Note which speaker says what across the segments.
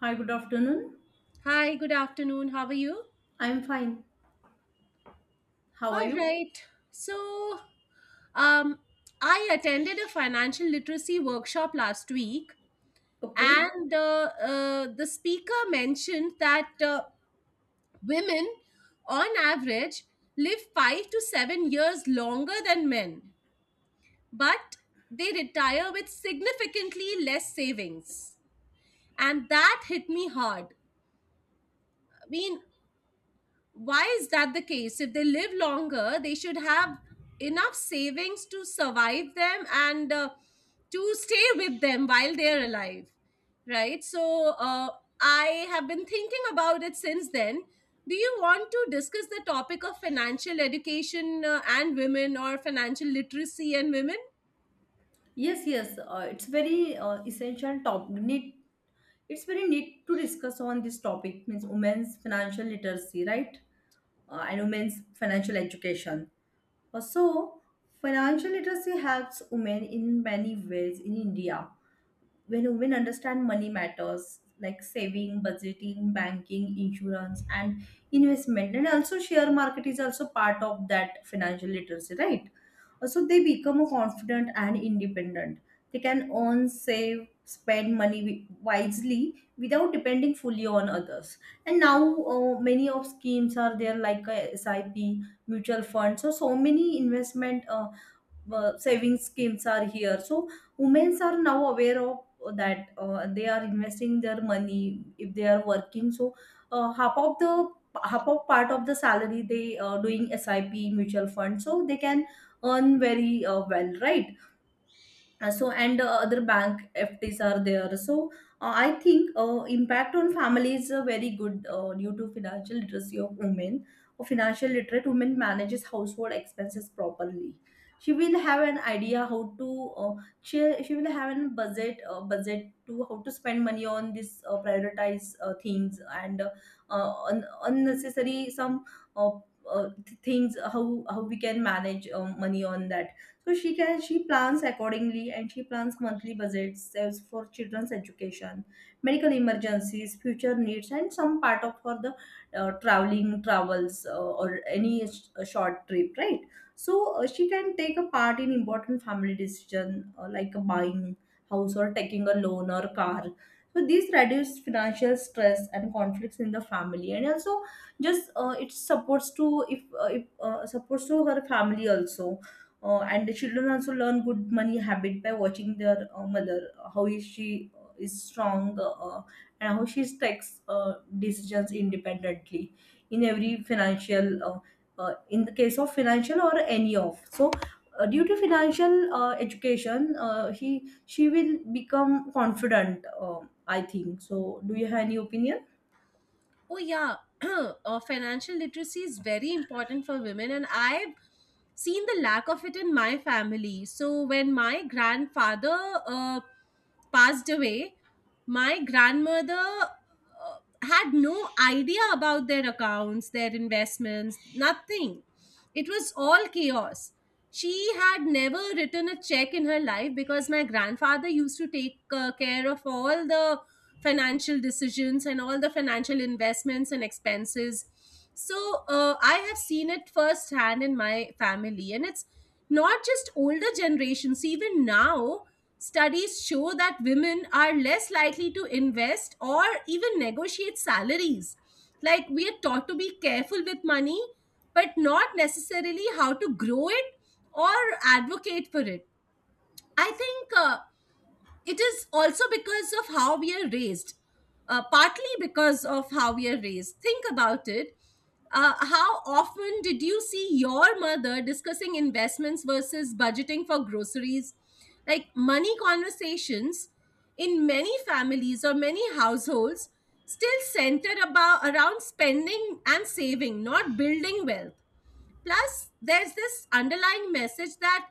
Speaker 1: Hi, good afternoon.
Speaker 2: Hi, good afternoon. How are you?
Speaker 1: I'm fine. How are
Speaker 2: All
Speaker 1: you?
Speaker 2: right. So, um, I attended a financial literacy workshop last week,
Speaker 1: Okay.
Speaker 2: and the speaker mentioned that women, on average, live 5 to 7 years longer than men, but they retire with significantly less savings. And that hit me hard. I mean, why is that the case? If they live longer, they should have enough savings to survive them and to stay with them while they're alive, right? So I have been thinking about it since then. Do you want to discuss the topic of financial education and women, or financial literacy and women?
Speaker 1: Yes, yes. It's very essential top need. It's very need to discuss on this topic means women's financial literacy, right? And women's financial education. So, financial literacy helps women in many ways in India. When women understand money matters like saving, budgeting, banking, insurance and investment, and also share market is also part of that financial literacy, right? So they become confident and independent. They can earn, save, spend money wisely without depending fully on others. And now, many of schemes are there like SIP, mutual funds, so many investment saving schemes are here. So women are now aware of that. They are investing their money if they are working. So half of the half of part of the salary they are doing SIP mutual fund, so they can earn very well, right? So and other bank FTs are there. So I think impact on family is very good due to financial literacy of women. A financial literate woman manages household expenses properly. She will have an idea how to uh, she will have a budget, budget to how to spend money on this, prioritize things, and unnecessary some uh, things, how we can manage money on that. So she plans accordingly, and she plans monthly budgets for children's education, medical emergencies, future needs, and some part of for the traveling travels, or any short trip, right? So she can take a part in important family decision, like buying house or taking a loan or car. So these reduce financial stress and conflicts in the family, and also just it supports to if supports to her family also. And the children also learn good money habit by watching their mother, how is she is strong, and how she takes decisions independently in every financial in the case of financial or any of. So due to financial education, he she will become confident. I think so. Do you have any opinion?
Speaker 2: Oh, yeah. Financial literacy is very important for women, and I've seen the lack of it in my family. So when my grandfather passed away, my grandmother had no idea about their accounts, their investments, nothing. It was all chaos. She had never written a check in her life because my grandfather used to take care of all the financial decisions and all the financial investments and expenses. So I have seen it firsthand in my family, and it's not just older generations, even now. Studies show that women are less likely to invest or even negotiate salaries. Like, we are taught to be careful with money, but not necessarily how to grow it or advocate for it. I think it is also because of how we are raised, partly because of how we are raised. Think about it. How often did you see your mother discussing investments versus budgeting for groceries? Like, money conversations in many families or many households still centered about around spending and saving, not building wealth. Plus, there's this underlying message that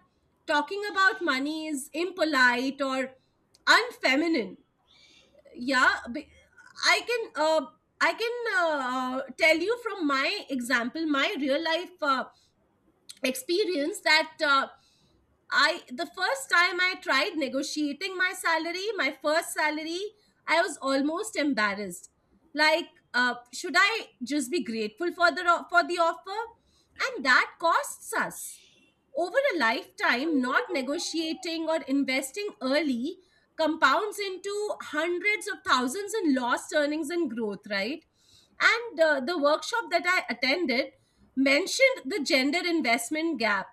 Speaker 2: talking about money is impolite or unfeminine. Yeah. Be- I can uh, I can uh, tell you from my example, my real life experience that. I the first time I tried negotiating my salary, my first salary, I was almost embarrassed. Like, should I just be grateful for the for the offer? And that costs us over a lifetime. Not negotiating or investing early compounds into hundreds of thousands in lost earnings and growth, right? And the workshop that I attended mentioned the gender investment gap.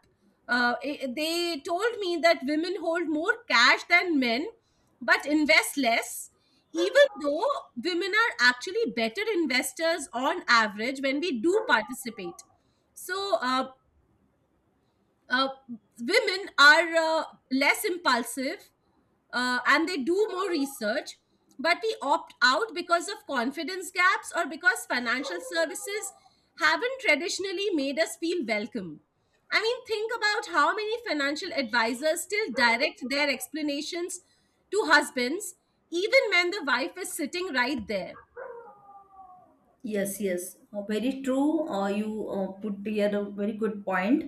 Speaker 2: They told me that women hold more cash than men but invest less, even though women are actually better investors on average when we do participate. So uh, women are less impulsive, and they do more research, but we opt out because of confidence gaps or because financial services haven't traditionally made us feel welcome. I mean, think about how many financial advisors still direct their explanations to husbands, even when the wife is sitting right there.
Speaker 1: Yes, yes. Very true. You put here a very good point,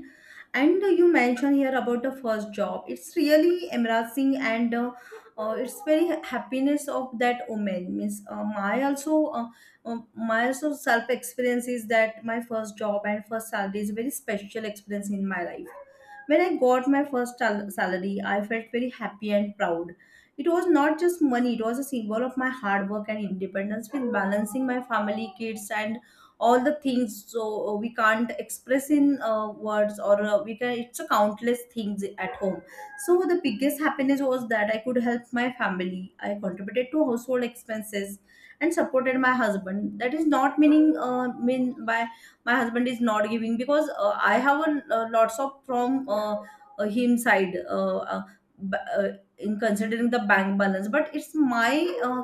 Speaker 1: and you mentioned here about the first job. It's really embarrassing, and it's very happiness of that woman. Means uh, my also self experience is that my first job and first salary is a very special experience in my life. When I got my first salary, I felt very happy and proud. It was not just money, it was a symbol of my hard work and independence with balancing my family, kids, and all the things. So we can't express in words, or we can it's a countless things at home. So the biggest happiness was that I could help my family. I contributed to household expenses and supported my husband. That is not meaning mean by my husband is not giving, because I have a, lots of from him side b- uh, in considering the bank balance, but it's my uh,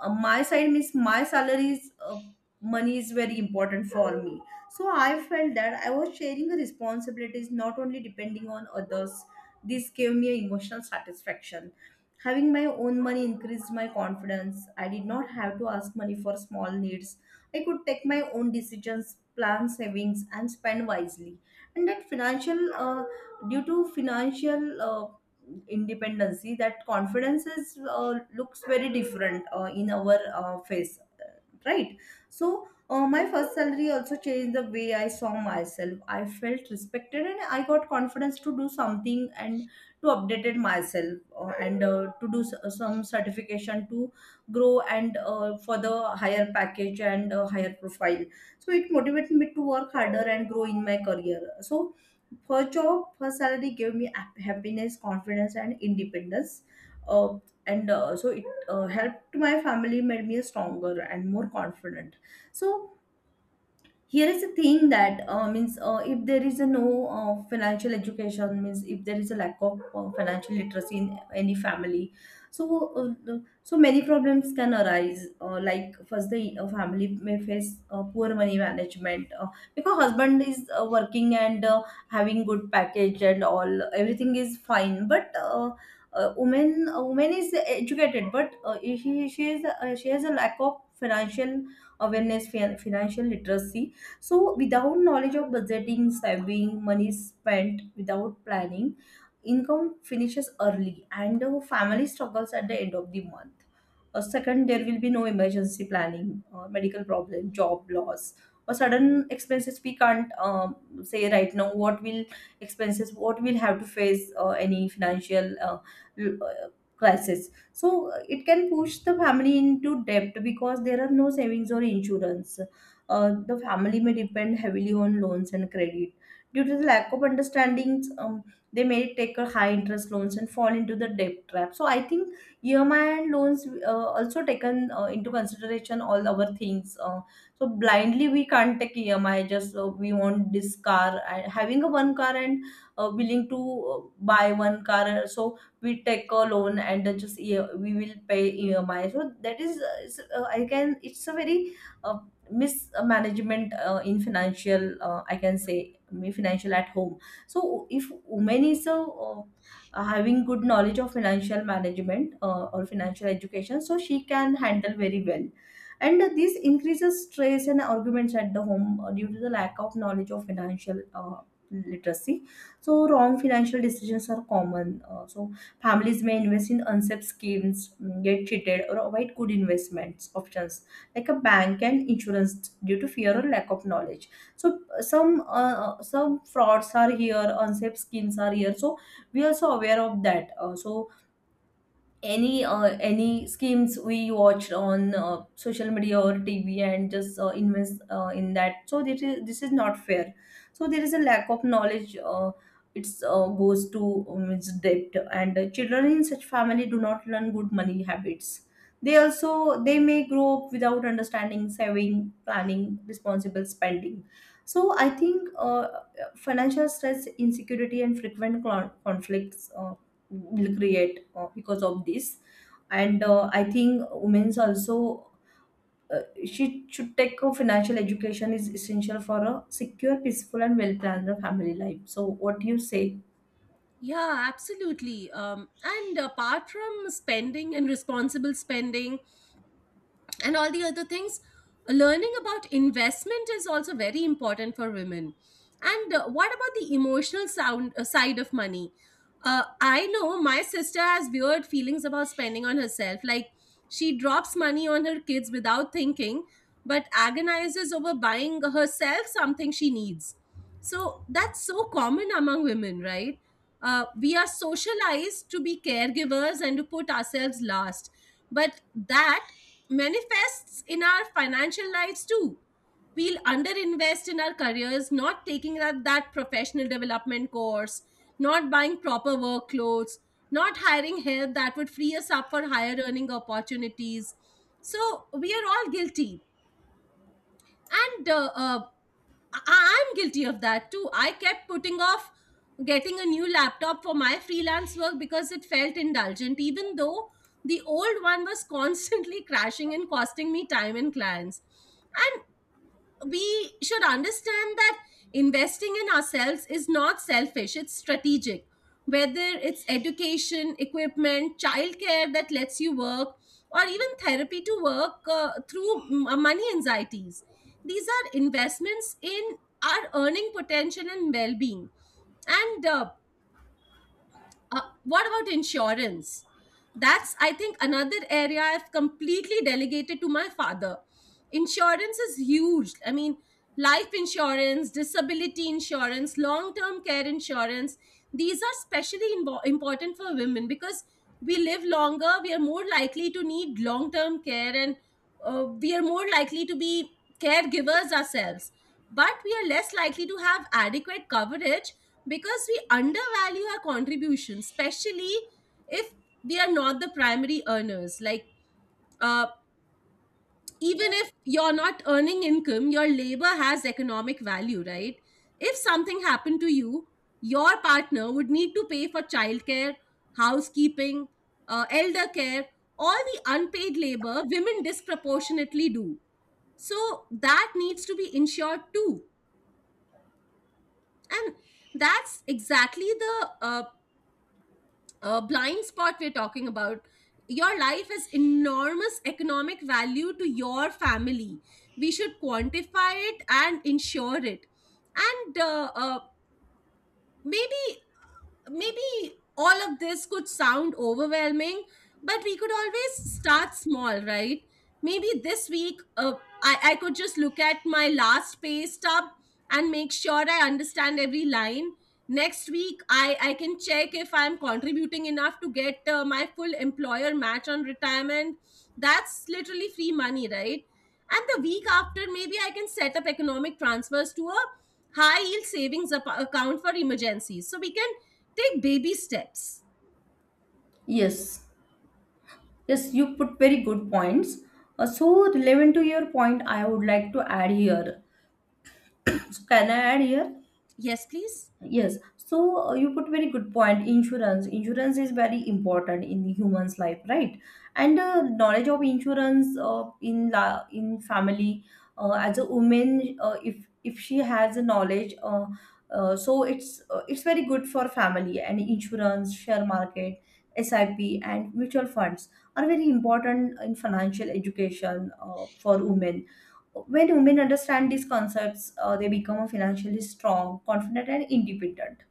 Speaker 1: my side, means my salaries money is very important for me. So I felt that I was sharing the responsibilities, not only depending on others. This gave me a emotional satisfaction. Having my own money increased my confidence. I did not have to ask money for small needs. I could take my own decisions, plan savings, and spend wisely. And that financial due to financial independency, that confidence is looks very different in our face, right? So my first salary also changed the way I saw myself. I felt respected, and I got confidence to do something and to update it myself, and to do some certification to grow, and for the higher package and higher profile. So it motivated me to work harder and grow in my career. So her job, her salary gave me happiness, confidence, and independence. Uh, and so it helped my family, made me stronger and more confident. So here is the thing that means if there is a no financial education, means if there is a lack of financial literacy in any family, so so many problems can arise, like first the family may face poor money management, because husband is working and having good package and all, everything is fine, but woman a woman is educated, but she is she has a lack of financial awareness, financial literacy. So, without knowledge of budgeting, saving, money spent without planning, income finishes early and the family struggles at the end of the month. Second, there will be no emergency planning, medical problem, job loss, or sudden expenses. We can't say right now what will expenses, what will have to face any financial l- uh, crisis. So it can push the family into debt because there are no savings or insurance. The family may depend heavily on loans and credit. Due to the lack of understandings, they may take a high interest loans and fall into the debt trap. So I think EMI and loans also taken into consideration all our things. So blindly we can't take EMI, just we want this car and having a one car and willing to buy one car. So we take a loan and we will pay EMI. So that is it's, I can it's a very uh, mismanagement in financial, I can say, me financial at home. So if woman is a uh, having good knowledge of financial management or financial education, so she can handle very well. And this increases stress and arguments at the home due to the lack of knowledge of financial literacy. So wrong financial decisions are common. So families may invest in unsafe schemes, get cheated, or avoid good investments options like a bank and insurance due to fear or lack of knowledge. So some frauds are here, unsafe schemes are here. So we also aware of that. So any schemes we watched on social media or TV and just invest in that. So this is not fair. So there is a lack of knowledge. It's goes to its depth, and children in such family do not learn good money habits. They may grow up without understanding saving, planning, responsible spending. So I think financial stress, insecurity, and frequent conflicts will create because of this. And I think women's also uh, she should take a financial education is essential for a secure, peaceful, and well planned family life. So what do you say?
Speaker 2: Yeah, absolutely. And apart from spending and responsible spending and all the other things, learning about investment is also very important for women. And what about the emotional sound side of money? I know my sister has weird feelings about spending on herself. Like, she drops money on her kids without thinking, but agonizes over buying herself something she needs. So that's so common among women, right? We are socialized to be caregivers and to put ourselves last, but that manifests in our financial lives too. We'll underinvest in our careers, not taking that professional development course, not buying proper work clothes, not hiring help that would free us up for higher earning opportunities. So we are all guilty. And I'm guilty of that too. I kept putting off getting a new laptop for my freelance work because it felt indulgent, even though the old one was constantly crashing and costing me time and clients. I we should understand that investing in ourselves is not selfish, it's strategic. Whether it's education, equipment, childcare that lets you work, or even therapy to work through money anxieties. These are investments in our earning potential and well being. And what about insurance? That's, I think, another area I've completely delegated to my father. Insurance is huge. I mean, life insurance, disability insurance, long term care insurance, these are especially important for women because we live longer, we are more likely to need long term care, and we are more likely to be caregivers ourselves. But we are less likely to have adequate coverage because we undervalue our contribution, especially if we are not the primary earners. Like, uh, even if you're not earning income, your labor has economic value, right? If something happened to you, your partner would need to pay for childcare, housekeeping, elder care, all the unpaid labor women disproportionately do. So that needs to be insured too. And that's exactly the blind spot we're talking about. Your life has enormous economic value to your family. We should quantify it and ensure it. And maybe maybe all of this could sound overwhelming, but we could always start small, right? Maybe this week, I could just look at my last pay stub and make sure I understand every line. Next week, I can check if I'm contributing enough to get my full employer match on retirement. That's literally free money, right? And the week after, maybe I can set up economic transfers to a high yield savings account for emergencies. So we can take baby steps.
Speaker 1: Yes, yes, you put very good points. So relevant to your point, I would like to add here. So can I add here?
Speaker 2: Yes, please.
Speaker 1: Yes, so you put very good point. Insurance, insurance is very important in human's life, right? And knowledge of insurance in family, as a woman, if she has a knowledge, so it's very good for family. And insurance, share market, SIP, and mutual funds are very important in financial education for women. When women understand these concepts, they become financially strong, confident, and independent.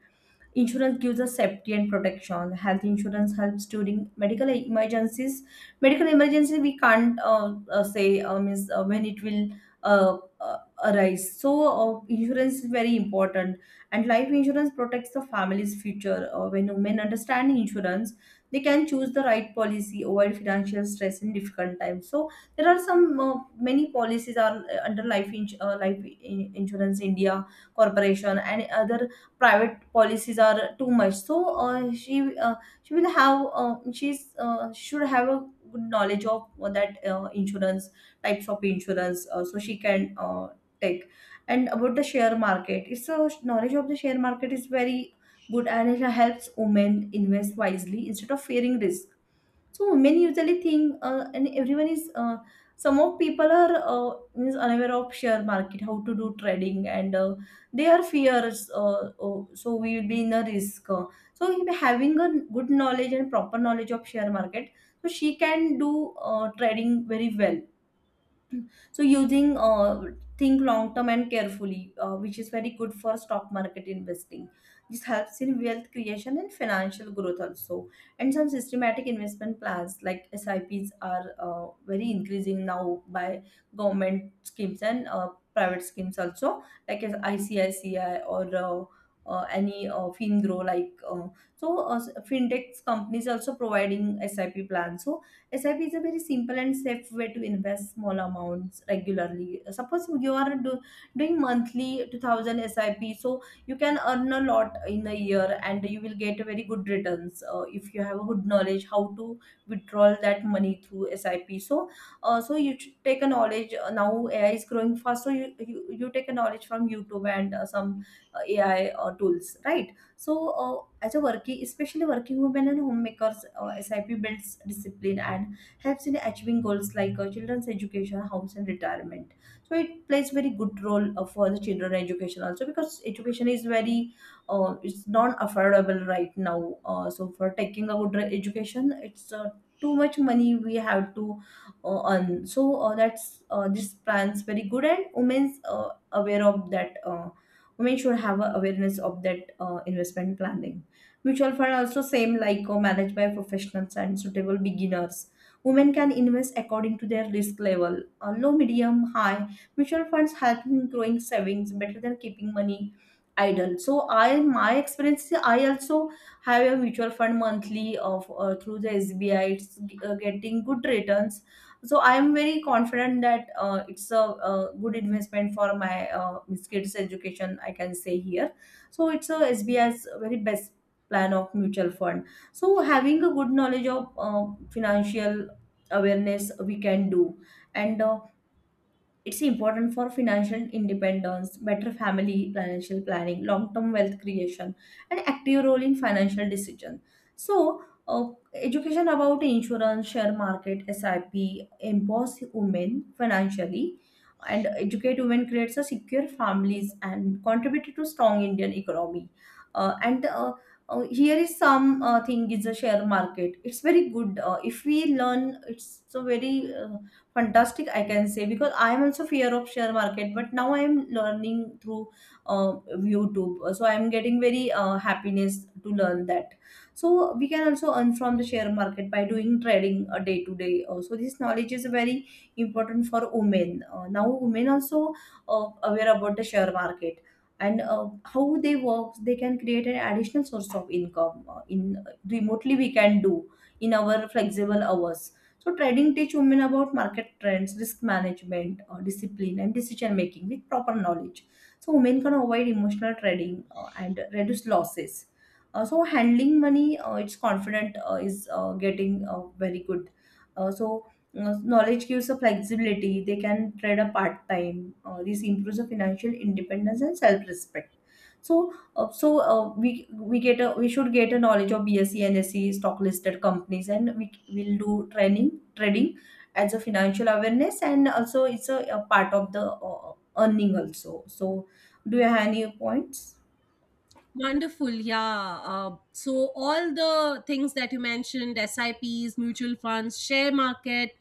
Speaker 1: Insurance gives us safety and protection. Health insurance helps during medical emergencies. Medical emergency we can't say is when it will uh, uh, arise. So insurance is very important, and life insurance protects the family's future. When women understand insurance, they can choose the right policy, avoid financial stress in difficult times. So there are some many policies are under life, life insurance India corporation, and other private policies are too much. So uh, she uh, she will have she's should have a good knowledge of that insurance, types of insurance, so she can take. And about the share market, it's a knowledge of the share market is very good, and it helps women invest wisely instead of fearing risk. So women usually think, and everyone is. Some of people are means unaware of share market, how to do trading, and they are fears. Oh, so we will be in a risk. So if having a good knowledge and proper knowledge of share market, so she can do trading very well, so using think long term and carefully, which is very good for stock market investing. This helps in wealth creation and financial growth also. And some systematic investment plans like sips are very increasing now by government schemes and private schemes also like as icici or any fingrow like so fintech companies also providing sip plans. So SIP is a very simple and safe way to invest small amounts regularly. Suppose you are doing monthly 2000 SIP, so you can earn a lot in a year and you will get very good returns if you have a good knowledge how to withdraw that money through SIP. So you should take a knowledge. Now AI is growing fast, so you take a knowledge from YouTube and some AI tools, right? So, as a working, especially working women and homemakers, SIP builds discipline and helps in achieving goals like children's education, house, and retirement. So it plays very good role for the children education also, because education is very it's non affordable right now. So, for taking a good education, it's too much money we have to earn. So, that's this plan's very good and women's aware of that. Women should have a awareness of that investment planning. Mutual fund also same, like managed by professionals and suitable beginners. Women can invest according to their risk level, low medium high. Mutual funds help in growing savings better than keeping money idle. So I my experience is, I also have a mutual fund monthly of through the sbi. It's getting good returns. So I am very confident that it's a, good investment for my Miss kids education, I can say here. So it's a sbi's very best plan of mutual fund. So having a good knowledge of financial awareness we can do. And it's important for financial independence, better family financial planning, long-term wealth creation, and active role in financial decision. So, uh, education about insurance, share market, SIP, empower women financially, and educate women creates a secure families and contributed to strong Indian economy. And Here is some thing is a share market. It's very good if we learn. It's a very fantastic, I can say, because I am also fear of share market, but now I am learning through uh, youtube. So I am getting very happiness to learn that. So we can also earn from the share market by doing trading, day to day. So this knowledge is very important for women. Now women also aware about the share market, and how they work. They can create an additional source of income, in remotely we can do, in our flexible hours. So trading teach women about market trends, risk management, discipline, and decision making with proper knowledge. So women can avoid emotional trading and reduce losses. Handling money, it's confident is getting very good. Uh, so, Knowledge gives a flexibility. They can trade a part time. This improves the financial independence and self respect. So, so we get a, we should get a knowledge of BSE and SE stock listed companies, and we will do training trading as a financial awareness, and also it's a part of the earning also. So, do you have any points?
Speaker 2: Wonderful, yeah. So all the things that you mentioned, SIPs, mutual funds, share market,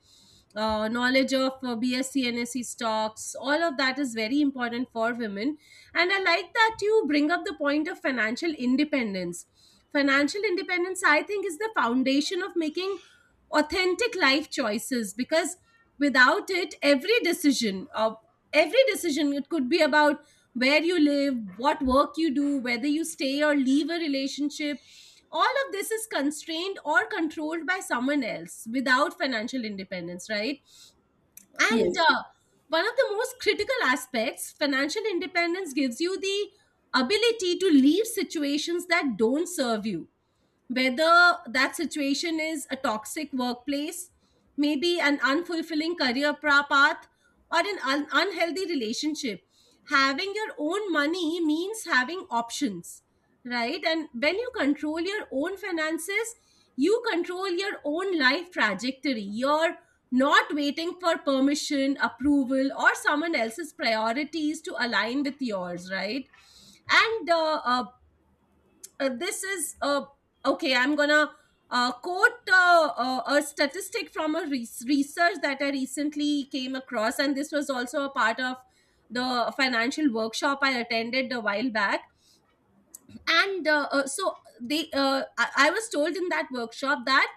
Speaker 2: knowledge of BSc, NSE stocks, all of that is very important for women. And I like that you bring up the point of financial independence. Financial independence, I think, is the foundation of making authentic life choices because without it, every decision, it could be about where you live, what work you do, whether you stay or leave a relationship. All of this is constrained or controlled by someone else without financial independence, right? And
Speaker 1: Yes.
Speaker 2: one of the most critical aspects, financial independence gives you the ability to leave situations that don't serve you, whether that situation is a toxic workplace, maybe an unfulfilling career path, or an unhealthy relationship. Having your own money means having options, right? And when you control your own finances, you control your own life trajectory. You're not waiting for permission, approval, or someone else's priorities to align with yours, right? And this is okay, I'm gonna quote a statistic from a research that I recently came across, and this was also a part of the financial workshop I attended a while back. And so they I was told in that workshop that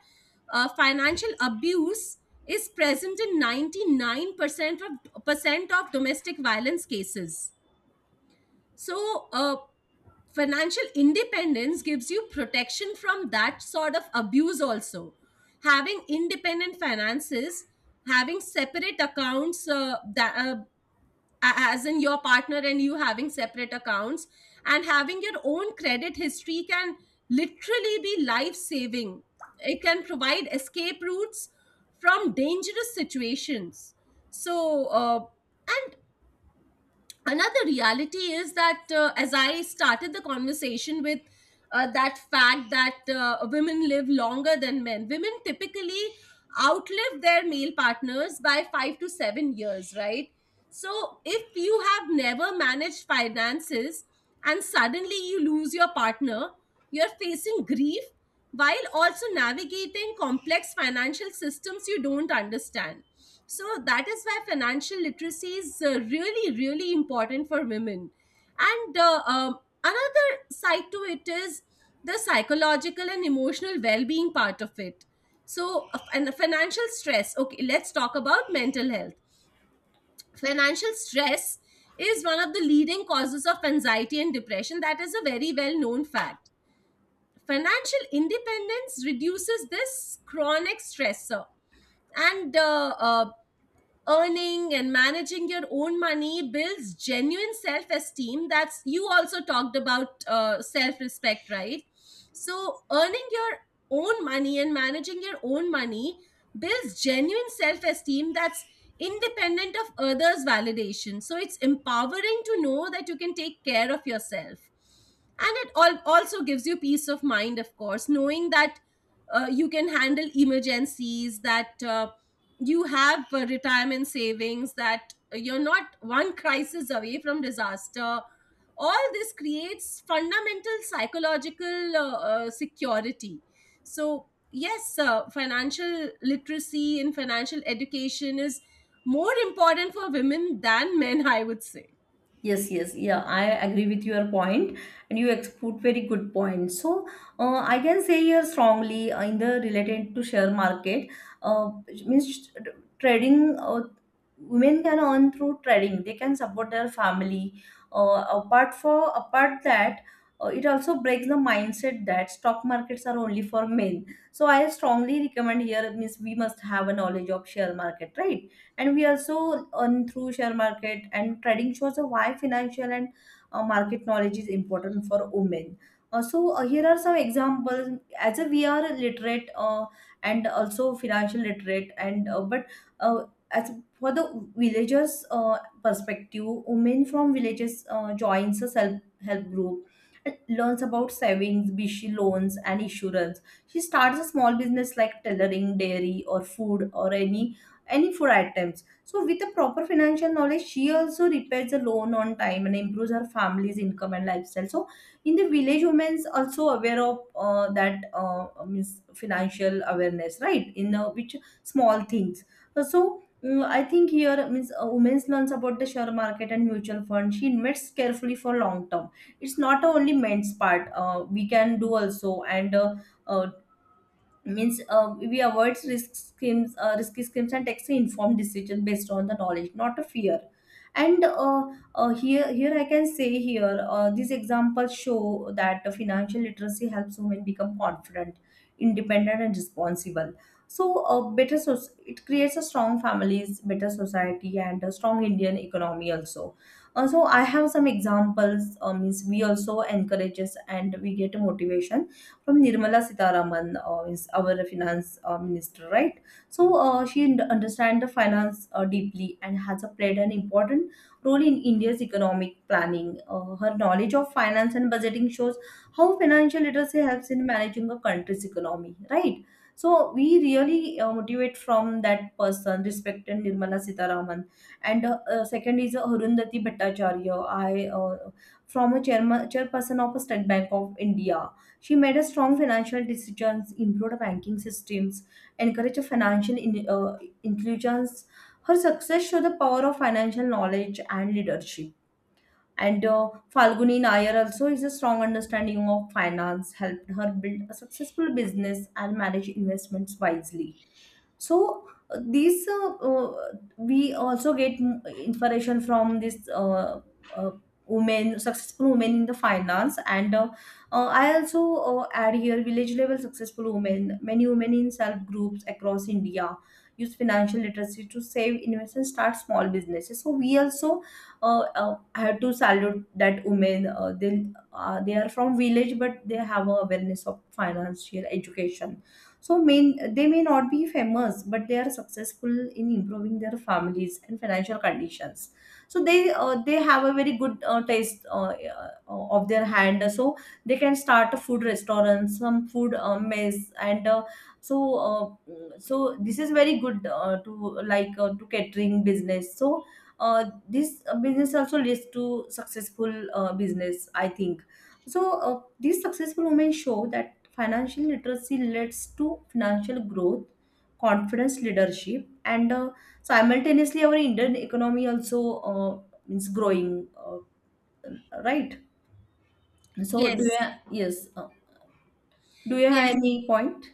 Speaker 2: financial abuse is present in 99% of percent of domestic violence cases. So, financial independence gives you protection from that sort of abuse also. Having independent finances, having separate accounts, as in your partner and you having separate accounts, and having your own credit history can literally be life saving. It can provide escape routes from dangerous situations. So, and another reality is that, as I started the conversation with, that fact that women live longer than men, women typically outlive their male partners by 5 to 7 years, right? So if you have never managed finances and suddenly you lose your partner, you're facing grief while also navigating complex financial systems you don't understand. So that is why financial literacy is really, really important for women. And another side to it is the psychological and emotional well being part of it. So, and the financial stress. Okay, let's talk about mental health. Financial stress is one of the leading causes of anxiety and depression. That is a very well known fact. Financial independence reduces this chronic stressor, and earning and managing your own money builds genuine self esteem. That's you also talked about self respect, right? So, earning your own money and managing your own money builds genuine self esteem that's independent of others' validation. So, it's empowering to know that you can take care of yourself. And it all also gives you peace of mind, of course, knowing that you can handle emergencies, that you have retirement savings, that you're not one crisis away from disaster. All this creates fundamental psychological security. So yes, financial literacy and financial education is more important for women than men, I would say.
Speaker 1: Yes, yes, yeah, I agree with your point, and you put very good point. So, I can say here strongly, in the related to share market, which means trading. Women can earn through trading; they can support their family. Apart for apart that, it also breaks the mindset that stock markets are only for men. So I strongly recommend here means we must have a knowledge of share market, right? And we also earn through share market, and trading shows why financial and market knowledge is important for women. Here are some examples. As a we are literate and also financial literate, and but uh, as for the villagers perspective, women from villages joins a self help group and learns about savings bishi loans and insurance. She starts a small business like tailoring dairy or food or any four items. So with a proper financial knowledge, she also repays the loan on time and improves her family's income and lifestyle. So in the village, women's also aware of that means financial awareness, right? In which small things. Mm, I think here means a women's learns about the share market and mutual fund. She invests carefully for long term. It's not only men's part. We can do also, and uh, means we avoid risk schemes, risky schemes, and takes an informed decision based on the knowledge, not a fear. And uh, uh, here here I can say here, these examples show that the financial literacy helps women become confident, independent and responsible. So it creates a strong families, better society, and a strong indian economy also. So I have some examples. Means we also encourages and we get a motivation from Nirmala Sitaraman, is our finance minister, right? So she understands the finance deeply and has played an important role in India's economic planning. Her knowledge of finance and budgeting shows how financial literacy helps in managing a country's economy, right? So we really motivate from that person, respected Nirmala Sitaraman. And second is Arundhati Bhattacharya. I From a chairman, chairperson of a State Bank of India. She made a strong financial decisions, improved banking systems, encouraged financial inclusions. Her success showed the power of financial knowledge and leadership. And Falguni Nair also is a strong understanding of finance, helped her build a successful business and manage investments wisely. So these We also get inspiration from this uh, women, successful women in the finance, and I also add here village level successful women. Many women in self groups across india use financial literacy to save, invest and start small businesses. So we also have to salute that women. They are from village but they have a awareness of financial education. So may they may not be famous, but they are successful in improving their families and financial conditions. So they have a very good taste of their hand. So they can start a food restaurant, some food mess, and uh, so uh, so this is very good to, like to catering business. So this business also leads to successful business, I think. These successful women show that financial literacy leads to financial growth, confidence, leadership, and simultaneously our Indian economy also is growing, right? So do
Speaker 2: Yes.
Speaker 1: you, yes, do you have any point?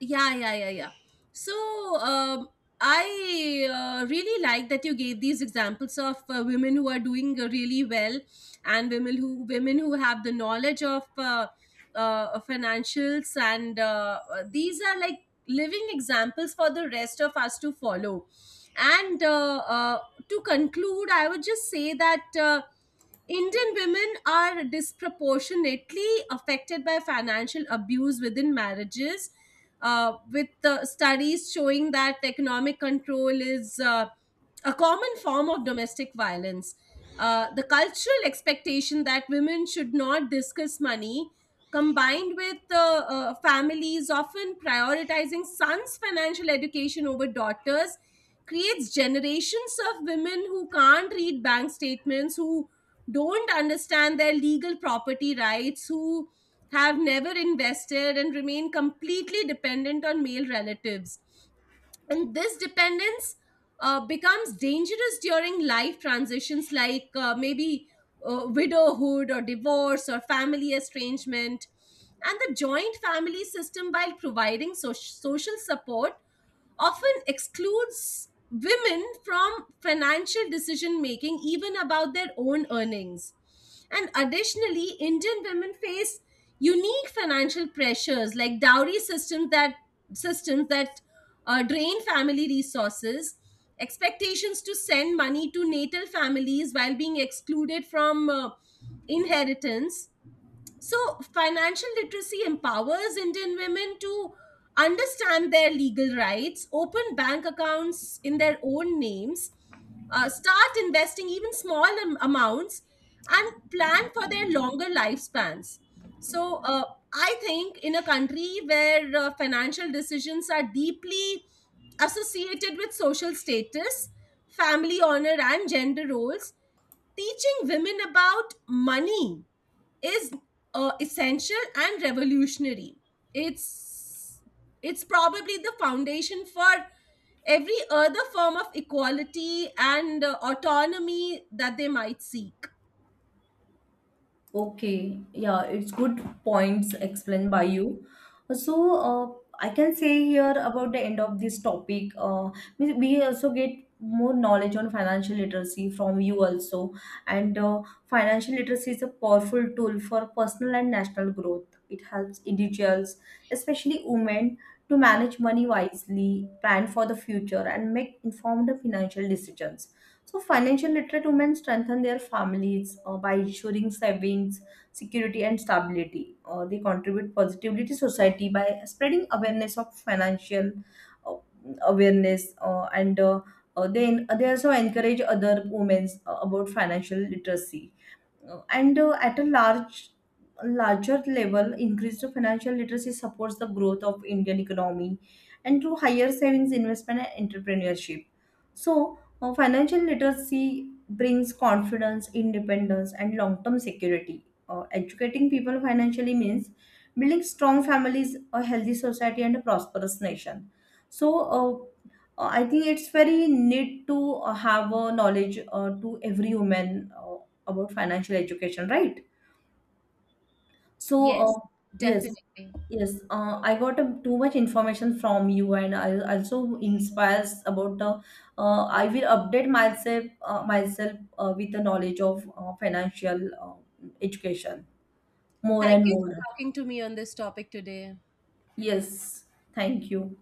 Speaker 2: Yeah, yeah, yeah, yeah. So I really like that you gave these examples of women who are doing really well, and women who have the knowledge of financials, and these are like living examples for the rest of us to follow. And to conclude, I would just say that Indian women are disproportionately affected by financial abuse within marriages, with the studies showing that economic control is a common form of domestic violence. The cultural expectation that women should not discuss money, combined with families often prioritizing sons' financial education over daughters, creates generations of women who can't read bank statements, who don't understand their legal property rights, who have never invested and remain completely dependent on male relatives. And this dependence becomes dangerous during life transitions, like maybe widowhood or divorce or family estrangement. And the joint family system, while providing social support, often excludes women from financial decision making, even about their own earnings. And additionally, Indian women face unique financial pressures, like dowry systems that drain family resources, expectations to send money to natal families while being excluded from inheritance. So financial literacy empowers Indian women to understand their legal rights, open bank accounts in their own names, start investing even small amounts, and plan for their longer lifespans. So I think in a country where financial decisions are deeply associated with social status, family honor and gender roles, teaching women about money is essential and revolutionary. It's it's probably the foundation for every other form of equality and autonomy that they might seek.
Speaker 1: Okay, yeah, it's good points explained by you. So, I can say here about the end of this topic, we also get more knowledge on financial literacy from you also. And financial literacy is a powerful tool for personal and national growth. It helps individuals, especially women, to manage money wisely, plan for the future, and make informed financial decisions. So financial literate women strengthen their families by ensuring savings, security, and stability. They contribute positively to society by spreading awareness of financial uh, awareness, and they also encourage other women about financial literacy. And at a larger level, increased financial literacy supports the growth of indian economy and through higher savings, investment and entrepreneurship. So financial literacy brings confidence, independence and long term security. Educating people financially means building strong families, a healthy society and a prosperous nation. So uh, uh, I think it's very need to have a knowledge to every woman about financial education, right? So,
Speaker 2: Yes,
Speaker 1: yes,
Speaker 2: definitely.
Speaker 1: yes, I got too much information from you, and I also inspires about the. I will update myself with the knowledge of financial education more
Speaker 2: Thank
Speaker 1: and
Speaker 2: you for
Speaker 1: more.
Speaker 2: talking to me on this topic today.
Speaker 1: Yes, thank you.